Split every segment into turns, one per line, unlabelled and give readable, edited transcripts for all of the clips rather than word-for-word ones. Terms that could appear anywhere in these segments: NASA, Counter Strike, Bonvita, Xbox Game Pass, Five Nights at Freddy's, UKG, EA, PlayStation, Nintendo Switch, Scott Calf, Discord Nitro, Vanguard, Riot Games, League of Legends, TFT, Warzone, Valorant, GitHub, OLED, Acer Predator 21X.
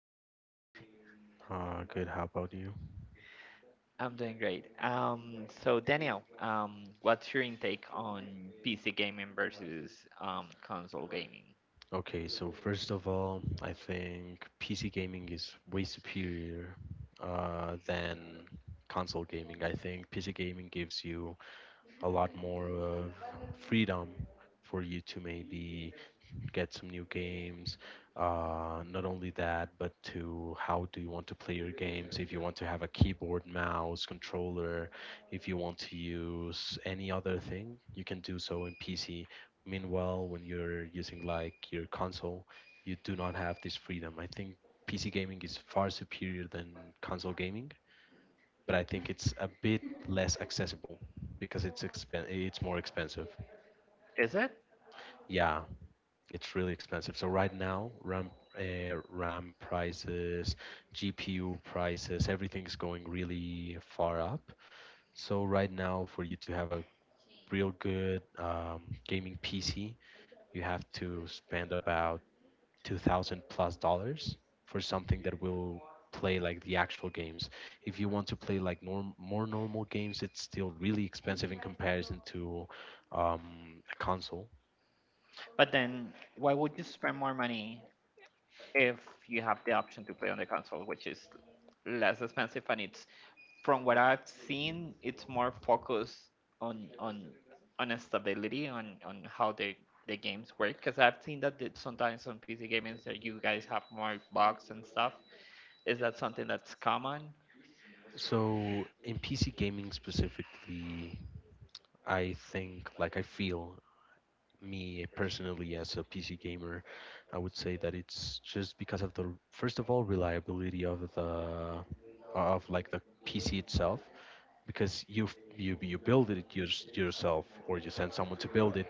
morning. How are you?
Good. How about you?
I'm doing great. So Daniel, what's your intake on PC gaming versus console gaming?
Okay, so first of all, I think PC gaming is way superior than console gaming. I think PC gaming gives you a lot more of freedom for you to maybe get some new games. Not only that, but to how do you want to play your games? If you want to have a keyboard, mouse, controller, if you want to use any other thing, you can do so in PC. Meanwhile, when you're using like your console, you do not have this freedom. I think PC gaming is far superior than console gaming, but I think it's a bit less accessible because it's more expensive.
Is it?
Yeah, it's really expensive. So right now, RAM prices, GPU prices, everything is going really far up. So right now, for you to have a real good gaming PC, you have to spend about 2000 plus dollars for something that will play like the actual games. If you want to play like norm more normal games, it's still really expensive in comparison to a console.
But then, why would you spend more money if you have the option to play on the console, which is less expensive and it's, from what I've seen, it's more focused on on stability on how the games work. Because I've seen that it's sometimes on PC gamings that you guys have more bugs and stuff. Is that something that's common?
So in PC gaming specifically, I think, like I feel me personally as a PC gamer, I would say that it's just because of the first of all reliability of the of like the PC itself, because you build it yourself, or you send someone to build it,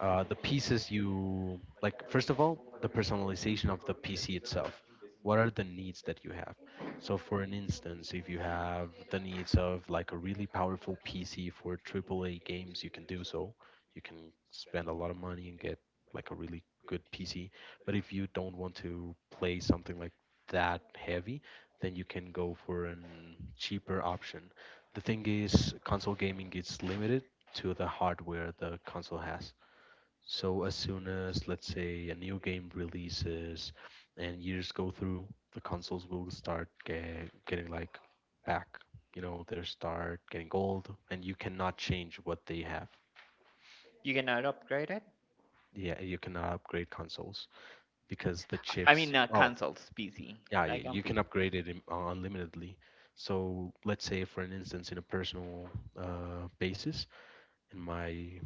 the pieces you like, first of all the personalization of the PC itself, what are the needs that you have. So for an instance, if you have the needs of like a really powerful PC for AAA games, you can do so. You can spend a lot of money and get like a really good PC, but if you don't want to play something like that heavy, then you can go for an cheaper option. The thing is, console gaming is limited to the hardware the console has. So as soon as, let's say, a new game releases and years go through, the consoles will start getting like back, you know, they start getting old, and you cannot change what they have.
You cannot upgrade it?
Yeah, you cannot upgrade consoles because the
I mean,
chips.
not
Oh,
consoles, PC.
yeah, yeah,
Like on
you
P.
can
C.
upgrade it unlimitedly. So let's say, for an instance, in a personal basis, in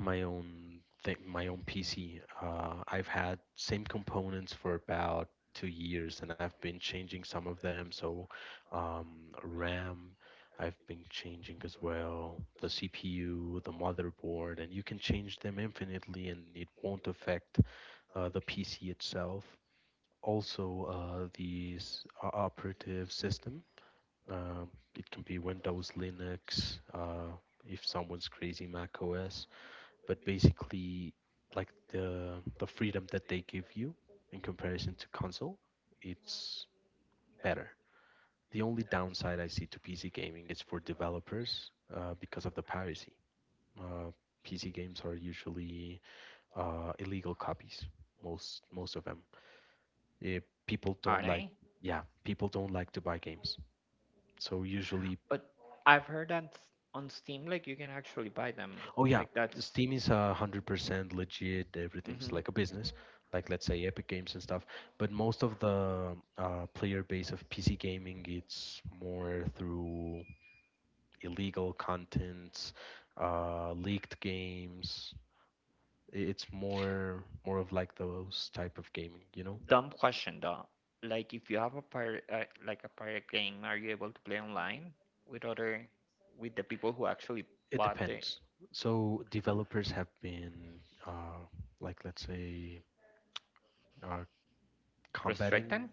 my own thing, my own PC. I've had same components for about 2 years, and I've been changing some of them. So, RAM, I've been changing as well. The CPU, the motherboard, and you can change them infinitely, and it won't affect the PC itself. Also, the operative system. Um, it can be Windows, Linux. If someone's crazy, Mac OS, but basically like the freedom that they give you in comparison to console, it's better. The only downside I see to PC gaming is for developers, because of the piracy. uh, PC games are usually illegal copies, most of them. Eh, People
Are
don't like,
they?
yeah, people don't like to buy games. So usually.
But I've heard that on Steam, like you can actually buy them.
Oh yeah,
Like that's.
Steam is 100% legit, everything's
Hmm.
like a business, like let's say Epic Games and stuff. But most of the player base of PC gaming, it's more through illegal contents, leaked games. It's more of like those type of gaming, you know?
Dumb question though. Like if you have a pirate, like a pirate game, are you able to play online with other, with the people who actually
It
bought the
depends. So developers have been uh, like let's say uh, combating,
restricted?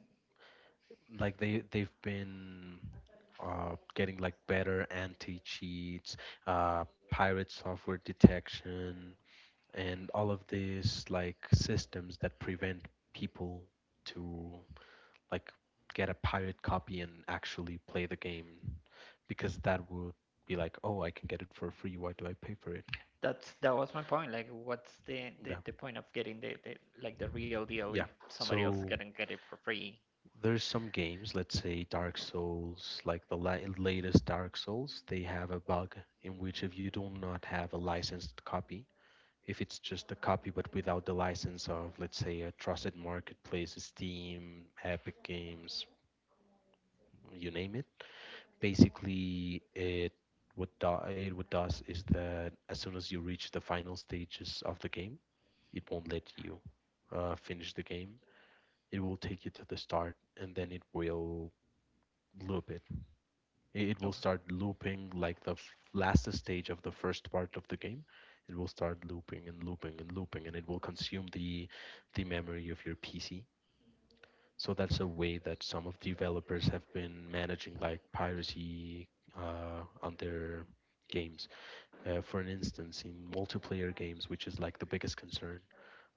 like they've been getting like better anti-cheats, pirate software detection, and all of these like systems that prevent people to like get a pirate copy and actually play the game, because that would be like, oh, I can get it for free, why do I pay for it.
That was my point. Like, what's the
Yeah.
the, the point of getting the like the real deal
Yeah,
if somebody else
so
can get it for free?
there's some games, let's say Dark Souls, like the latest Dark Souls, they have a bug in which if you do not have a licensed copy, if it's just a copy but without the license of, let's say, a trusted marketplace, Steam, Epic Games, you name it. Basically, it it what does is that as soon as you reach the final stages of the game, it won't let you finish the game. It will take you to the start, and then it will loop it, it will start looping like the last stage of the first part of the game. It will start looping and looping and looping, and it will consume the memory of your PC. So that's a way that some of developers have been managing like piracy on their games. For an instance, in multiplayer games, which is like the biggest concern,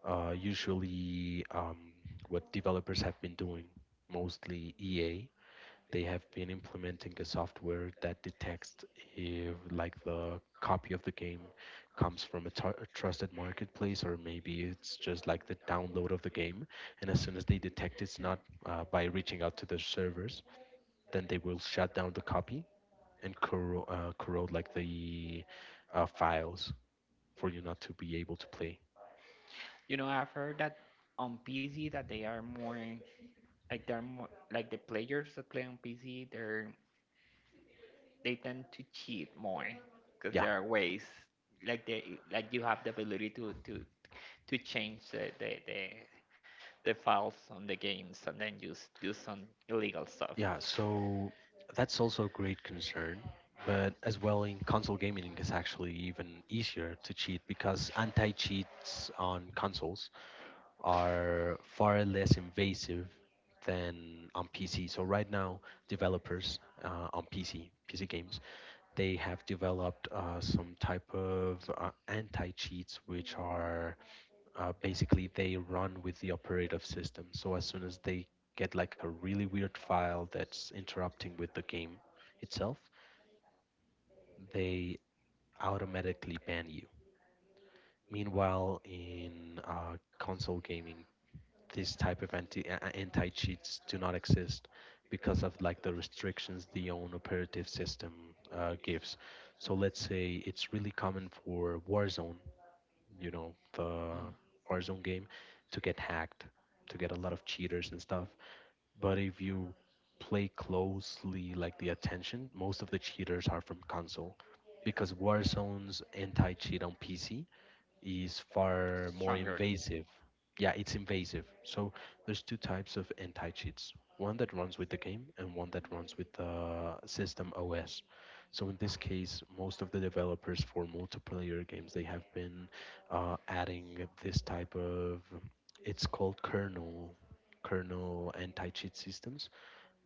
usually what developers have been doing, mostly EA, they have been implementing a software that detects if like the copy of the game comes from a, a trusted marketplace, or maybe it's just like the download of the game. And as soon as they detect it's not, by reaching out to the servers, then they will shut down the copy and corrode like the files for you not to be able to play.
You know, I've heard that on PC that they are more like they're more like the players that play on PC. They're they tend to cheat more because
Yeah.
there are ways like they like you have the ability to change the files on the games and then just do some illegal stuff.
Yeah, so that's also a great concern. But as well in console gaming, it's actually even easier to cheat because anti-cheats on consoles are far less invasive than on PC. So right now, developers on PC, PC games, they have developed some type of anti-cheats which are basically they run with the operative system. So as soon as they get like a really weird file that's interrupting with the game itself, they automatically ban you. Meanwhile, in console gaming, this type of anti cheats do not exist because of like the restrictions the own operative system gives. So let's say it's really common for Warzone, you know, the
Mm.
Warzone game, to get hacked, to get a lot of cheaters and stuff. But if you play closely, like the attention, most of the cheaters are from console because Warzone's anti-cheat on PC is far more
Stronger,
invasive. Yeah, it's invasive. So there's two types of anti cheats, one that runs with the game and one that runs with the system OS. So in this case, most of the developers for multiplayer games, they have been adding this type of, it's called kernel anti cheat systems,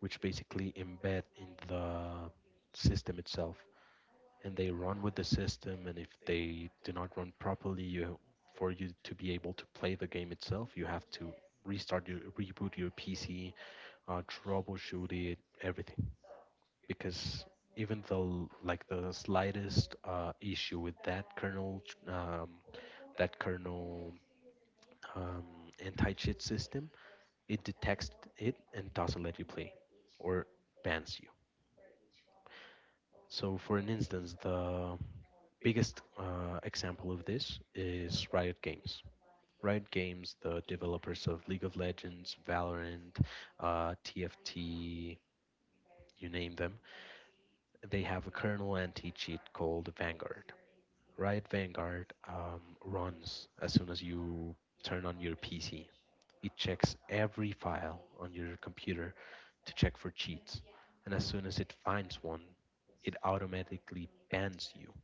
which basically embed in the system itself, and they run with the system, and if they do not run properly, you for you to be able to play the game itself, you have to restart your reboot your PC, troubleshoot it, everything, because even though like the slightest issue with um, that kernel um, anti-cheat system, it detects it and doesn't let you play or bans you. So for an instance, the biggest example of this is Riot Games. Riot Games, the developers of League of Legends, Valorant, TFT, you name them, they have a kernel anti cheat called Vanguard. Riot Vanguard runs as soon as you turn on your PC. It checks every file on your computer to check for cheats. And as soon as it finds one, it automatically bans you,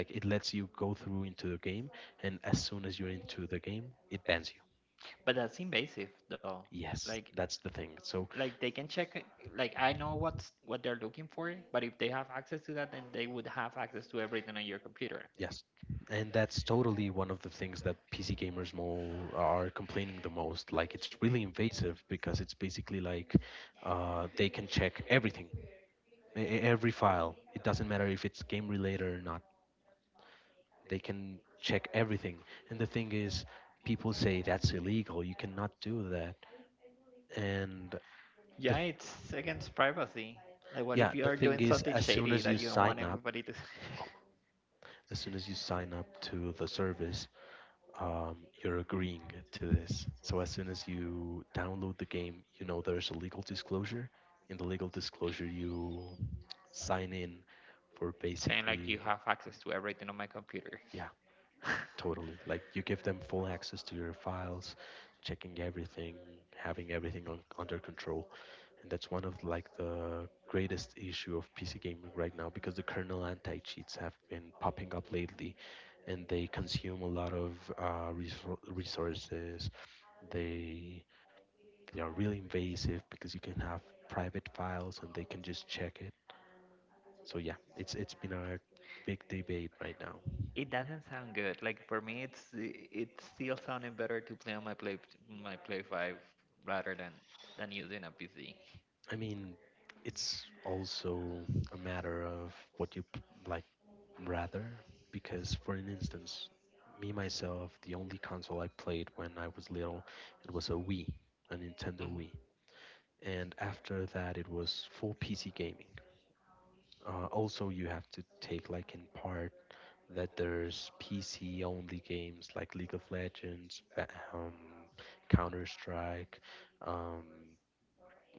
like it lets you go through into the game, and as soon as you're into the game, it bans you.
but that's invasive though.
Yes,
Like
that's the thing. So
like they can check like I know what's what they're looking for, but if they have access to that, then they would have access to everything on your computer.
yes, and that's totally one of the things that PC gamers mo are complaining the most. Like it's really invasive because it's basically like they can check everything, every file. It doesn't matter if it's game related or not. They can check everything. And the thing is, people say that's illegal. You cannot do that. And
Yeah,
the
it's against privacy. Like, what
Yeah,
if you
the
are doing
thing is,
something
as soon
shady
as you
that you don't want
sign up,
everybody to?
oh, as soon as you sign up to the service, um, you're agreeing to this. So as soon as you download the game, you know there's a legal disclosure. In the legal disclosure, you sign in for
Saying like you
basically,
have access to everything on my computer.
yeah. Totally. Like you give them full access to your files, checking everything, having everything on, under control. And that's one of like the greatest issue of PC gaming right now because the kernel anti-cheats have been popping up lately, and they consume a lot of resor resources. They they are really invasive because you can have private files and they can just check it. So yeah, it's been a big debate right now.
It doesn't sound good. Like for me, it's still sounding better to play on my play five rather than using a PC.
I mean, it's also a matter of what you like rather, because for an instance, me myself, the only console I played when I was little, it was a Wii, a Nintendo Wii,
Hmm.
and after that it was full PC gaming. Also, you have to take like in part that there's PC only games like League of Legends, um, Counter Strike, um,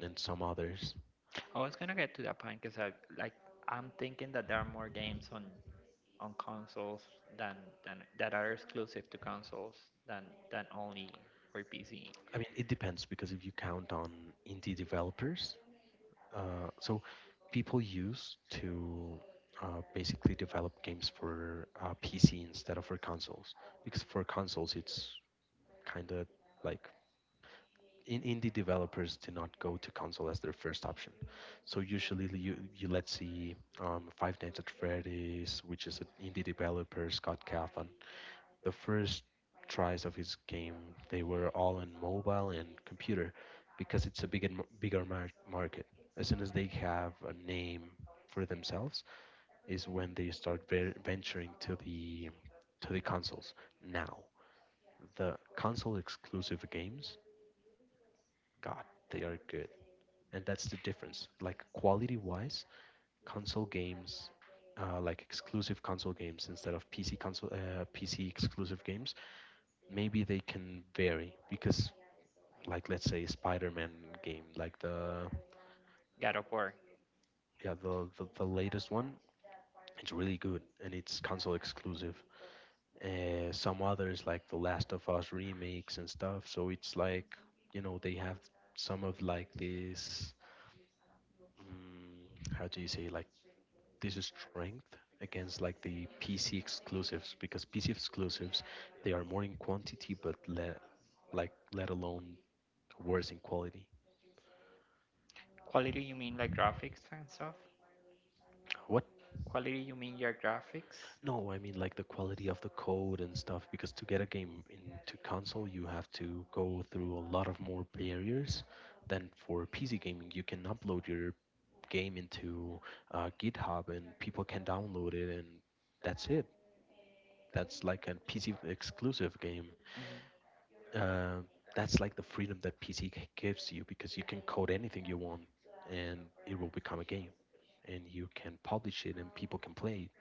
and some others.
I was gonna get to that point because I like I'm thinking that there are more games on consoles than than that are exclusive to consoles than than only for PC.
I mean, it depends because if you count on indie developers, so people used to basically develop games for PC instead of for consoles, because for consoles it's kind of like in indie developers do not go to console as their first option. So usually you let's see, Five Nights at Freddy's, which is an indie developer Scott Calf, the first tries of his game, they were all on mobile and computer because it's a bigger mar- market. As soon as they have a name for themselves, is when they start ver- venturing to the consoles. Now, the console exclusive games, God, they are good, and that's the difference. Like quality wise, console games. Like exclusive console games instead of PC console PC exclusive games, maybe they can vary because, like, let's say spider-man game like the
God of War.
yeah the the latest one, it's really good and it's console exclusive. Some others like the last of us remakes and stuff, so it's like, you know, they have some of like this how do you say, like, this is strength against like the PC exclusives, because PC exclusives, they are more in quantity but le- like let alone worse in quality.
Quality, you mean like graphics and stuff?
What?
Quality, you mean your graphics?
No, I mean like the quality of the code and stuff. Because to get a game into console, you have to go through a lot of more barriers than for PC gaming. You can upload your game into GitHub and people can download it, and that's it. That's like a PC exclusive game.
Hmm.
Uh, that's like the freedom that PC gives you, because you can code anything you want and it will become a game, and you can publish it and people can play.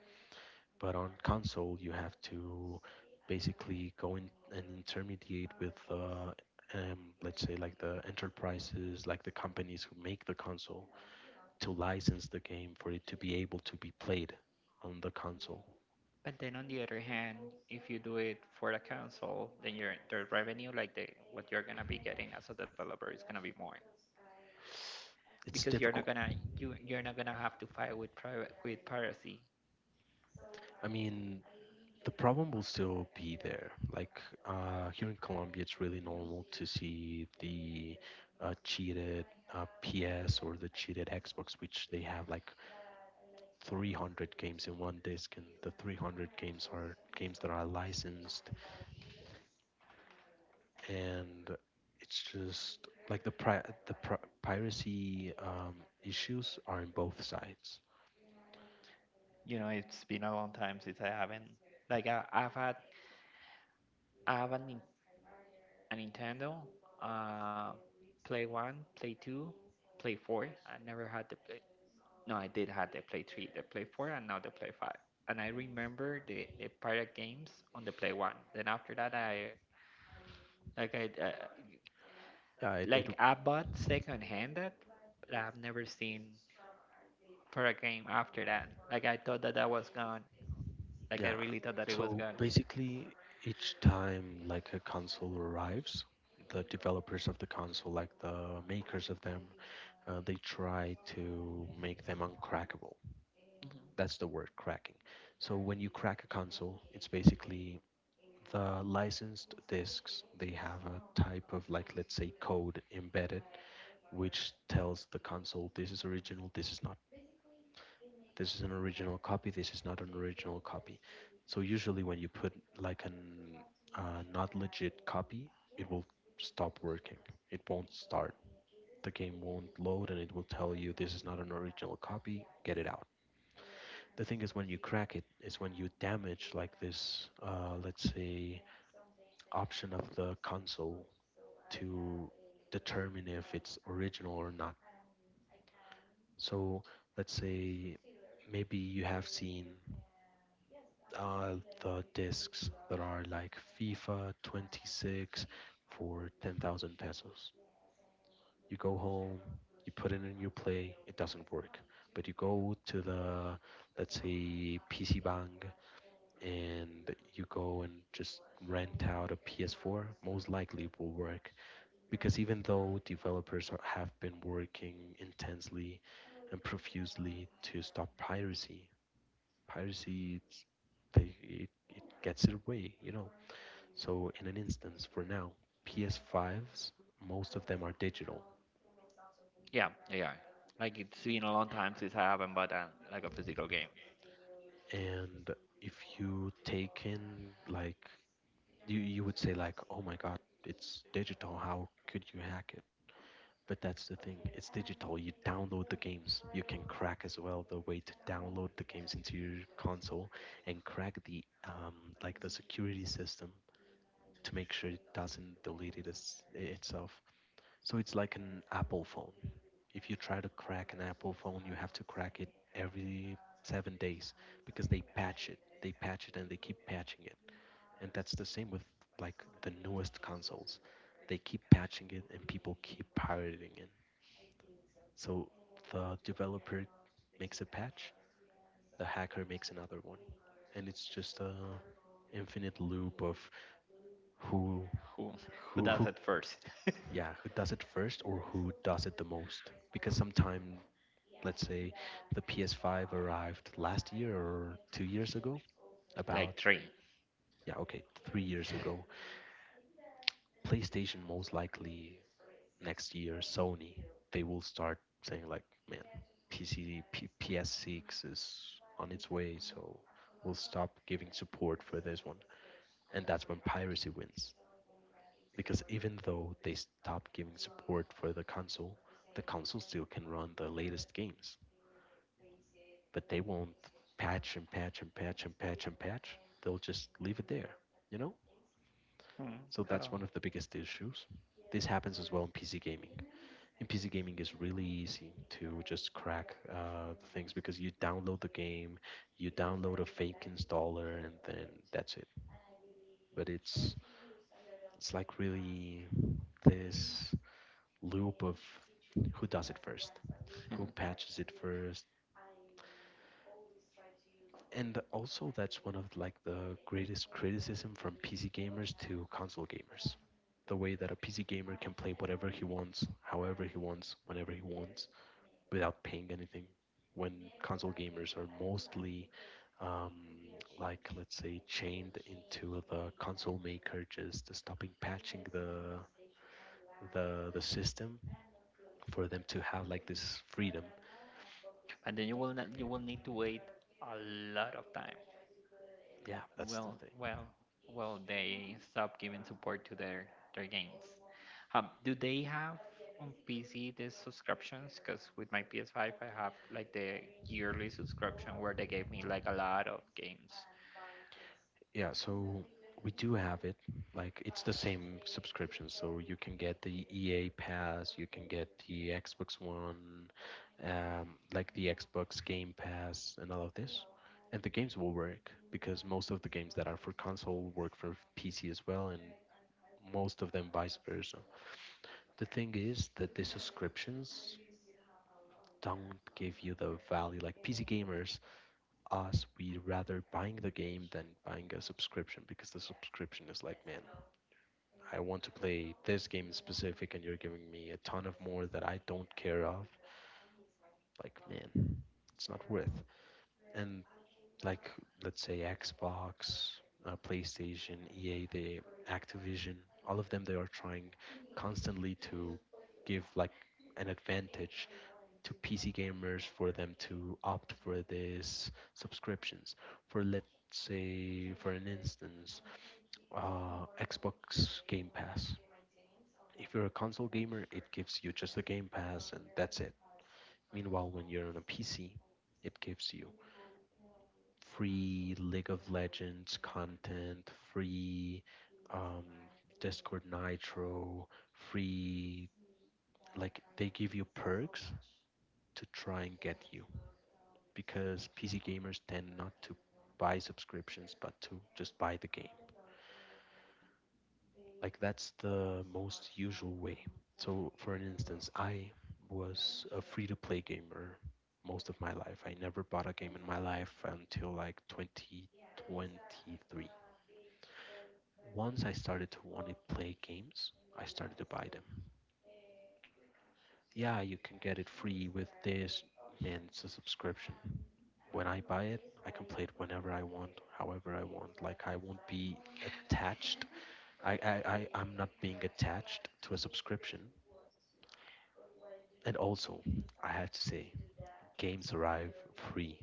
But on console, you have to basically go in and intermediate with, let's say, like the enterprises, like the companies who make the console, to license the game for it to be able to be played on the console.
But then on the other hand, if you do it for the console, then your the revenue, like the what you're gonna be getting as a developer, is gonna be more
It's
because you're not
difficult.
gonna you you're not gonna have to fight with private with piracy.
I mean, the problem will still be there. Like, here in Colombia, it's really normal to see the cheated PS or the cheated Xbox, which they have like 300 games in one disc, and the 300 games are games that are licensed, and it's just like the pri- piracy issues are in both sides.
You know, it's been a long time since I haven't like I've had I have a, a Nintendo, uh, Play One, Play Two, Play Four. I never had the play, no, I did have the Play 3, the Play 4, and now the Play 5. And I remember the pirate games on the Play 1. Then after that, I like I uh,
Yeah, it, it.
like I bought second hand that, but I've never seen pirate game after that. Like I thought that that was gone. Like I
Yeah,
really thought that it was
so
gone.
basically each time like a console arrives, the developers of the console, like the makers of them, they try to make them uncrackable.
Mhm.
That's the word, cracking. So when you crack a console, it's basically, the licensed discs, they have a type of like, let's say, code embedded, which tells the console this is original, this is not, this is an original copy, this is not an original copy. So usually when you put like an not legit copy, it will stop working, it won't start, the game won't load, and it will tell you this is not an original copy, get it out. The thing is, when you crack it is when you damage like this let's say option of the console to determine if it's original or not. So let's say maybe you have seen uh, the discs that are like FIFA 26 for 10,000 pesos. You go home, you put it in your play, it doesn't work. But you go to the, let's say, PC Bang, and you go and just rent out a PS4, most likely it will work. Because even though developers are- have been working intensely and profusely to stop piracy, piracy it, it gets it away, you know. So in an instance, for now, PS5s, most of them are digital,
Yeah, yeah, yeah. Like it's been a long time since I haven't bought a, like a physical game.
and if you take in like, you would say like, oh my God, it's digital, how could you hack it? But that's the thing, it's digital. You download the games. You can crack as well the way to download the games into your console and crack the like the security system to make sure it doesn't delete it as, itself. So it's like an Apple phone. If you try to crack an Apple phone, you have to crack it every 7 days because they patch it. They patch it and they keep patching it. And that's the same with like the newest consoles. They keep patching it and people keep pirating it. So the developer makes a patch, the hacker makes another one, and it's just a infinite loop of who
Who who
who
does
who
it first?
Yeah, who does it first, or who does it the most, because sometime, let's say, the PS5 arrived last year, or 2 years ago, about.
Like three.
Yeah, okay, 3 years ago. PlayStation, most likely next year Sony, they will start saying like, man, PC P- PS6 is on its way, so we'll stop giving support for this one. And that's when piracy wins, because even though they stop giving support for the console, the console still can run the latest games, but they won't patch and patch and patch and patch and patch, they'll just leave it there, you know.
Hmm,
So that's
totally.
one of the biggest issues. This happens as well in PC gaming. In PC gaming, it's really easy to just crack things, because you download the game, you download a fake installer, and then that's it. But it's like really this loop of who does it first, who patches it first. And also, that's one of like the greatest criticism from PC gamers to console gamers. The way that a PC gamer can play whatever he wants, however he wants, whenever he wants, without paying anything, when console gamers are mostly um, like, let's say, chained into the console maker just stopping patching the the system for them to have like this freedom.
And then you will not, you will need to wait a lot of time.
Yeah, that's the
Well,
thing.
well, well, they stop giving support to their games. Do they have on PC the subscriptions? Because with my PS5, I have like the yearly subscription where they gave me like a lot of games.
Yeah, so we do have it. Like, it's the same subscription, so you can get the EA Pass, you can get the Xbox One, like the Xbox Game Pass, and all of this. And the games will work because most of the games that are for console work for PC as well, and most of them vice versa. The thing is that the subscriptions don't give you the value. Like PC gamers, us, we rather buying the game than buying a subscription, because the subscription is like, man, I want to play this game in specific, and you're giving me a ton of more that I don't care of. Like, man, it's not worth. And, like, let's say Xbox, PlayStation, EA, the Activision, all of them, they are trying constantly to give like an advantage to PC gamers for them to opt for these subscriptions. For let's say, for an instance, Xbox Game Pass, if you're a console gamer, it gives you just the Game Pass and that's it. Meanwhile, when you're on a PC, it gives you free League of Legends content, free um, Discord Nitro, free. Like, they give you perks to try and get you, because PC gamers tend not to buy subscriptions but to just buy the game. Like, that's the most usual way. So, for an instance, I was a free-to-play gamer most of my life. I never bought a game in my life until like 2023. Once I started to want to play games, I started to buy them. Yeah, you can get it free with this. Man, it's a subscription. When I buy it, I can play it whenever I want, however I want. Like, I won't be attached. I'm not being attached to a subscription. And also, I have to say, games arrive free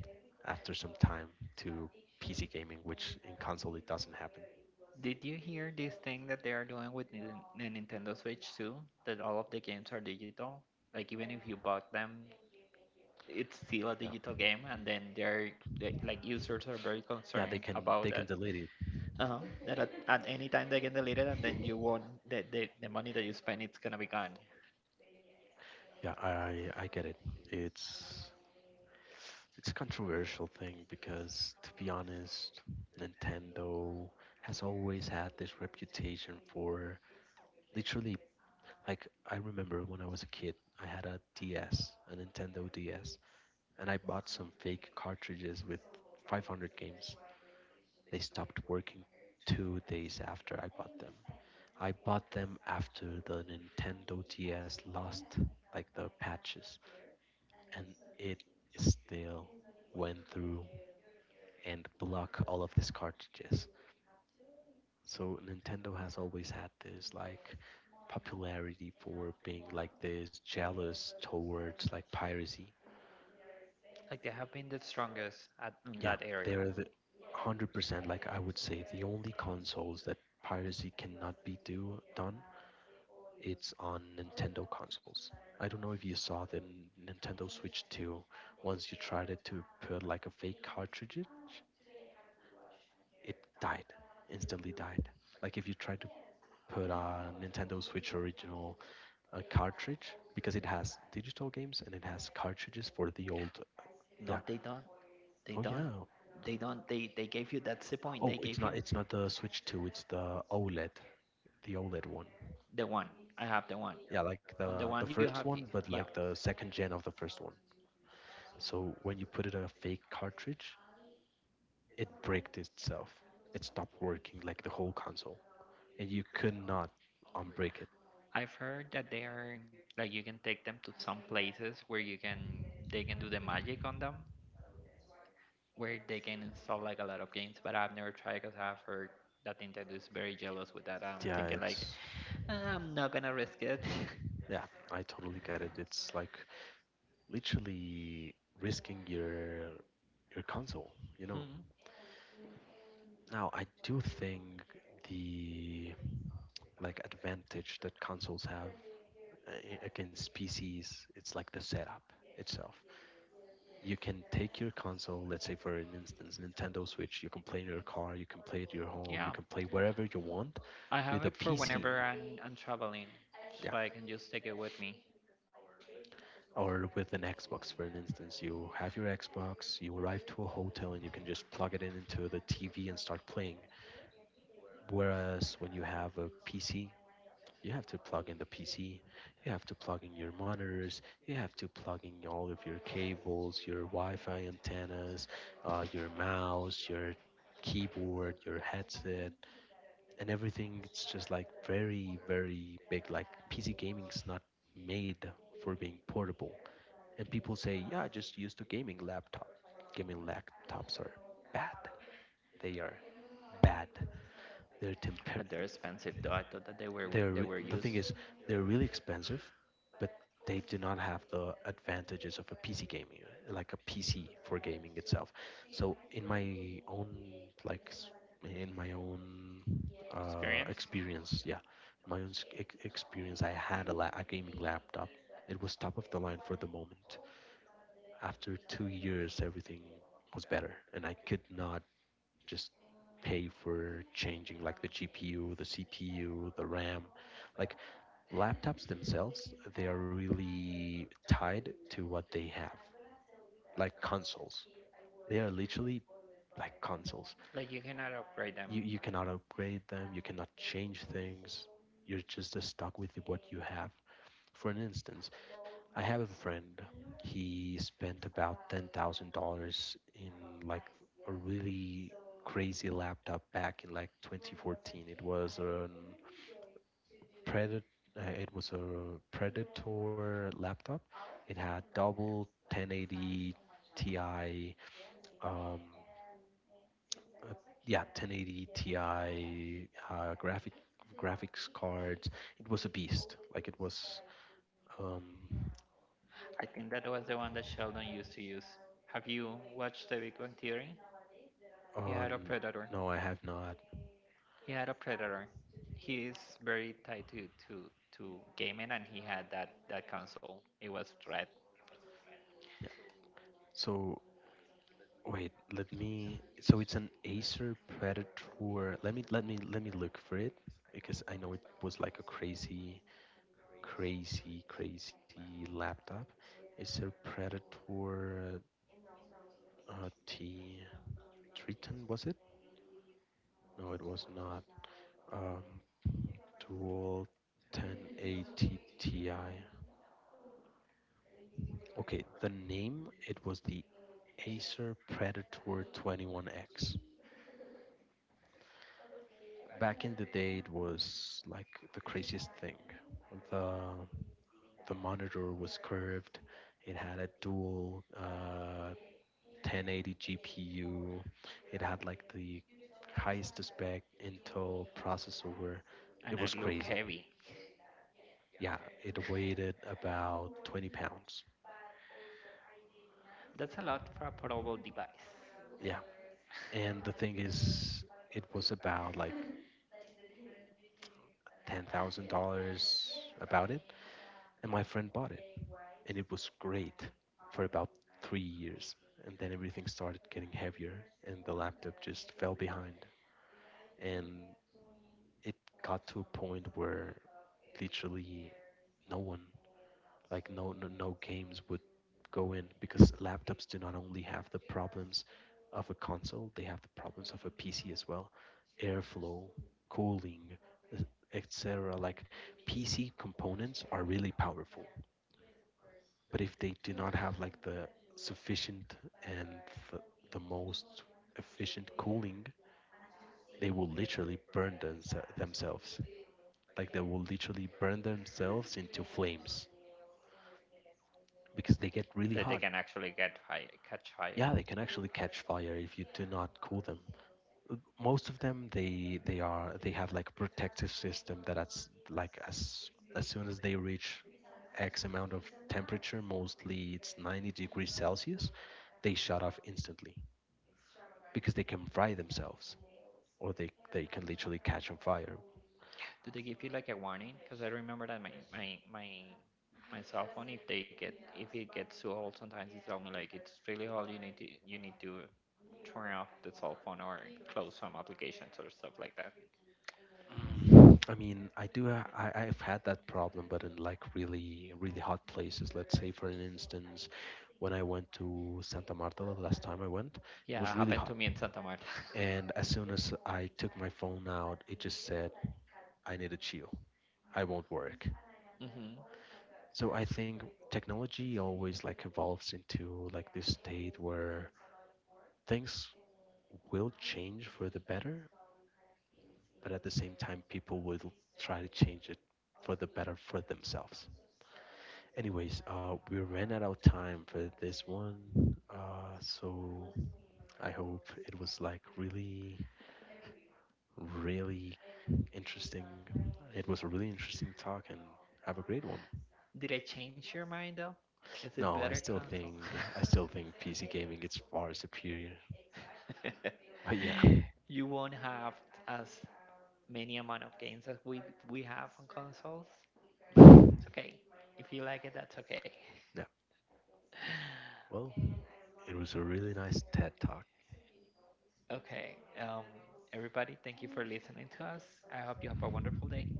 after some time to PC gaming, which in console it doesn't happen.
Did you hear this thing that they are doing with the Nintendo Switch too? That all of the games are digital? Like even if you bought them it's still a digital
Yeah,
game, and then they're they, like users are very
yeah,
concerned about
they can
that.
delete it.
Uh-huh. That at any time they can delete it, and then you won't the money that you spend it's gonna be gone.
Yeah, I get it. It's it's a controversial thing, because to be honest, Nintendo has always had this reputation for, literally, like, I remember when I was a kid, I had a DS, a Nintendo DS, and I bought some fake cartridges with 500 games. They stopped working 2 days after I bought them. I bought them after the Nintendo DS lost like the patches, and it still went through and blocked all of these cartridges. So Nintendo has always had this like popularity for being like this jealous towards like piracy.
Like they have been the strongest at in
Yeah,
that area.
they're the 100%, like, I would say the only consoles that piracy cannot be do done, it's on Nintendo consoles. I don't know if you saw the N- Nintendo Switch 2. Once you tried it to put like a fake cartridge, it died. Instantly died. Like if you try to put a Nintendo Switch original cartridge, because it has digital games and it has cartridges for the old. Yeah.
No, they don't.
Oh
They don't.
yeah.
They don't. They gave you. That's the point.
Oh,
They
it's
gave
not.
you
It's not the Switch 2. It's the OLED. The OLED one.
the one. I have the one.
Yeah, like
On
the
the
the
one you
first
have,
one, but like
yeah.
the second gen of the first one. So when you put it on a fake cartridge, it bricked itself. It stopped working like the whole console, and you could not unbrick it.
I've heard that they are like you can take them to some places where you can they can do the magic on them, where they can install like a lot of games, but I've never tried because I've heard that Nintendo is very jealous with that. I'm
Yeah,
thinking like,
it's
I'm not gonna risk it.
yeah, I totally get it. It's like literally risking your console, you know.
Hmm.
Now, I do think the like advantage that consoles have uh, against PCs, it's like the setup itself. You can take your console, let's say for an instance, Nintendo Switch, you can play in your car, you can play at your home, you
Yeah,
can play wherever you want
I have
with a
it for
PC.
whenever I'm traveling,
Yeah.
so I can just take it with me.
Or with an Xbox, for an instance, you have your Xbox, you arrive to a hotel, and you can just plug it in into the TV and start playing. Whereas when you have a PC, you have to plug in the PC, you have to plug in your monitors, you have to plug in all of your cables, your Wi Fi antennas, your mouse, your keyboard, your headset, and everything. It's just like very, very big. Like PC gaming is not made for being portable. And people say, yeah, I just used to gaming laptop. Gaming laptops are bad. They are bad. They're temper
But they're expensive though. I thought that they were
the thing
used
is, they're really expensive, but they do not have the advantages of a PC gaming, like a PC for gaming itself. So like s- in my own
experience.
experience, yeah, in my own experience, I had a gaming laptop. It was top of the line for the moment. After 2 years, everything was better, and I could not just pay for changing like the GPU, the CPU, the RAM. Like laptops themselves, they are really tied to what they have, like consoles. They are literally like consoles.
Like you cannot upgrade them.
You cannot upgrade them, you cannot change things. You're just stuck with what you have. For an instance, I have a friend. He spent about $10,000 in like a really crazy laptop back in like 2014. It was a Predator. It was a Predator laptop. It had double 1080 Ti, uh, yeah, 1080 Ti uh, graphic graphics cards. It was a beast. Like it was um,
I think that was the one that Sheldon used to use. Have you watched The Big Bang Theory? He had a
on.
predator.
No, I have not.
He had a predator. He is very tied to to gaming, and he had that console. It was red,
Yeah. So wait, let me. So it's an Acer Predator. Let me look for it because I know it was like a crazy laptop. Acer Predator T Triton, was it? No, it was not. Um, Dual 1080 Ti. Okay, the name it was the Acer Predator 21X. Back in the day, it was like the craziest thing. The the monitor was curved. It had a dual 1080 GPU. It had like the highest spec Intel processor. It
and
was
it looked
crazy.
heavy.
Yeah, it weighed about 20 pounds.
That's a lot for a portable device.
Yeah, and the thing is, it was about like $10,000 about it, and my friend bought it, and it was great for about 3 years. And then everything started getting heavier, and the laptop just fell behind. And it got to a point where literally no one, like no games would go in because laptops do not only have the problems of a console, they have the problems of a PC as well, airflow, cooling, etc. Like PC components are really powerful, but if they do not have like the sufficient and th- the most efficient cooling, they will literally burn themselves. Like they will literally burn themselves into flames because they get really
Like they
hot.
can actually get fire, catch
Yeah,
fire.
they can actually catch fire if you do not cool them. Most of them, they have like a protective system that as soon as they reach X amount of temperature, mostly it's 90 degrees Celsius, they shut off instantly, because they can fry themselves or they can literally catch on fire.
Do they give you like a warning? Because I remember that my my cell phone, if they get if it gets too old, sometimes it tell me like it's really old. You need to turn off the cell phone or close some applications or stuff like that.
I mean, I do ha- I I've had that problem, but in like really hot places. Let's say for an instance, when I went to Santa Marta the last time I went, it
Yeah,
was
it
really
happened
hot,
to me in Santa Marta.
and as soon as I took my phone out, it just said I need a chill. I won't work.
Hmm.
So I think technology always like evolves into like this state where things will change for the better, but at the same time, people would try to change it for the better for themselves. Anyways, we ran out of time for this one, so I hope it was like really, really interesting. It was a really interesting talk, and have a great one.
Did I change your mind though? Is it
No, I
better
still
console?
think I still think PC gaming is far superior. But yeah,
You won't have as many amount of games that we have on consoles, but
yeah.
it's okay. If you like it, that's okay.
Well, it was a really nice TED talk.
Okay, everybody, thank you for listening to us. I hope you have a wonderful day.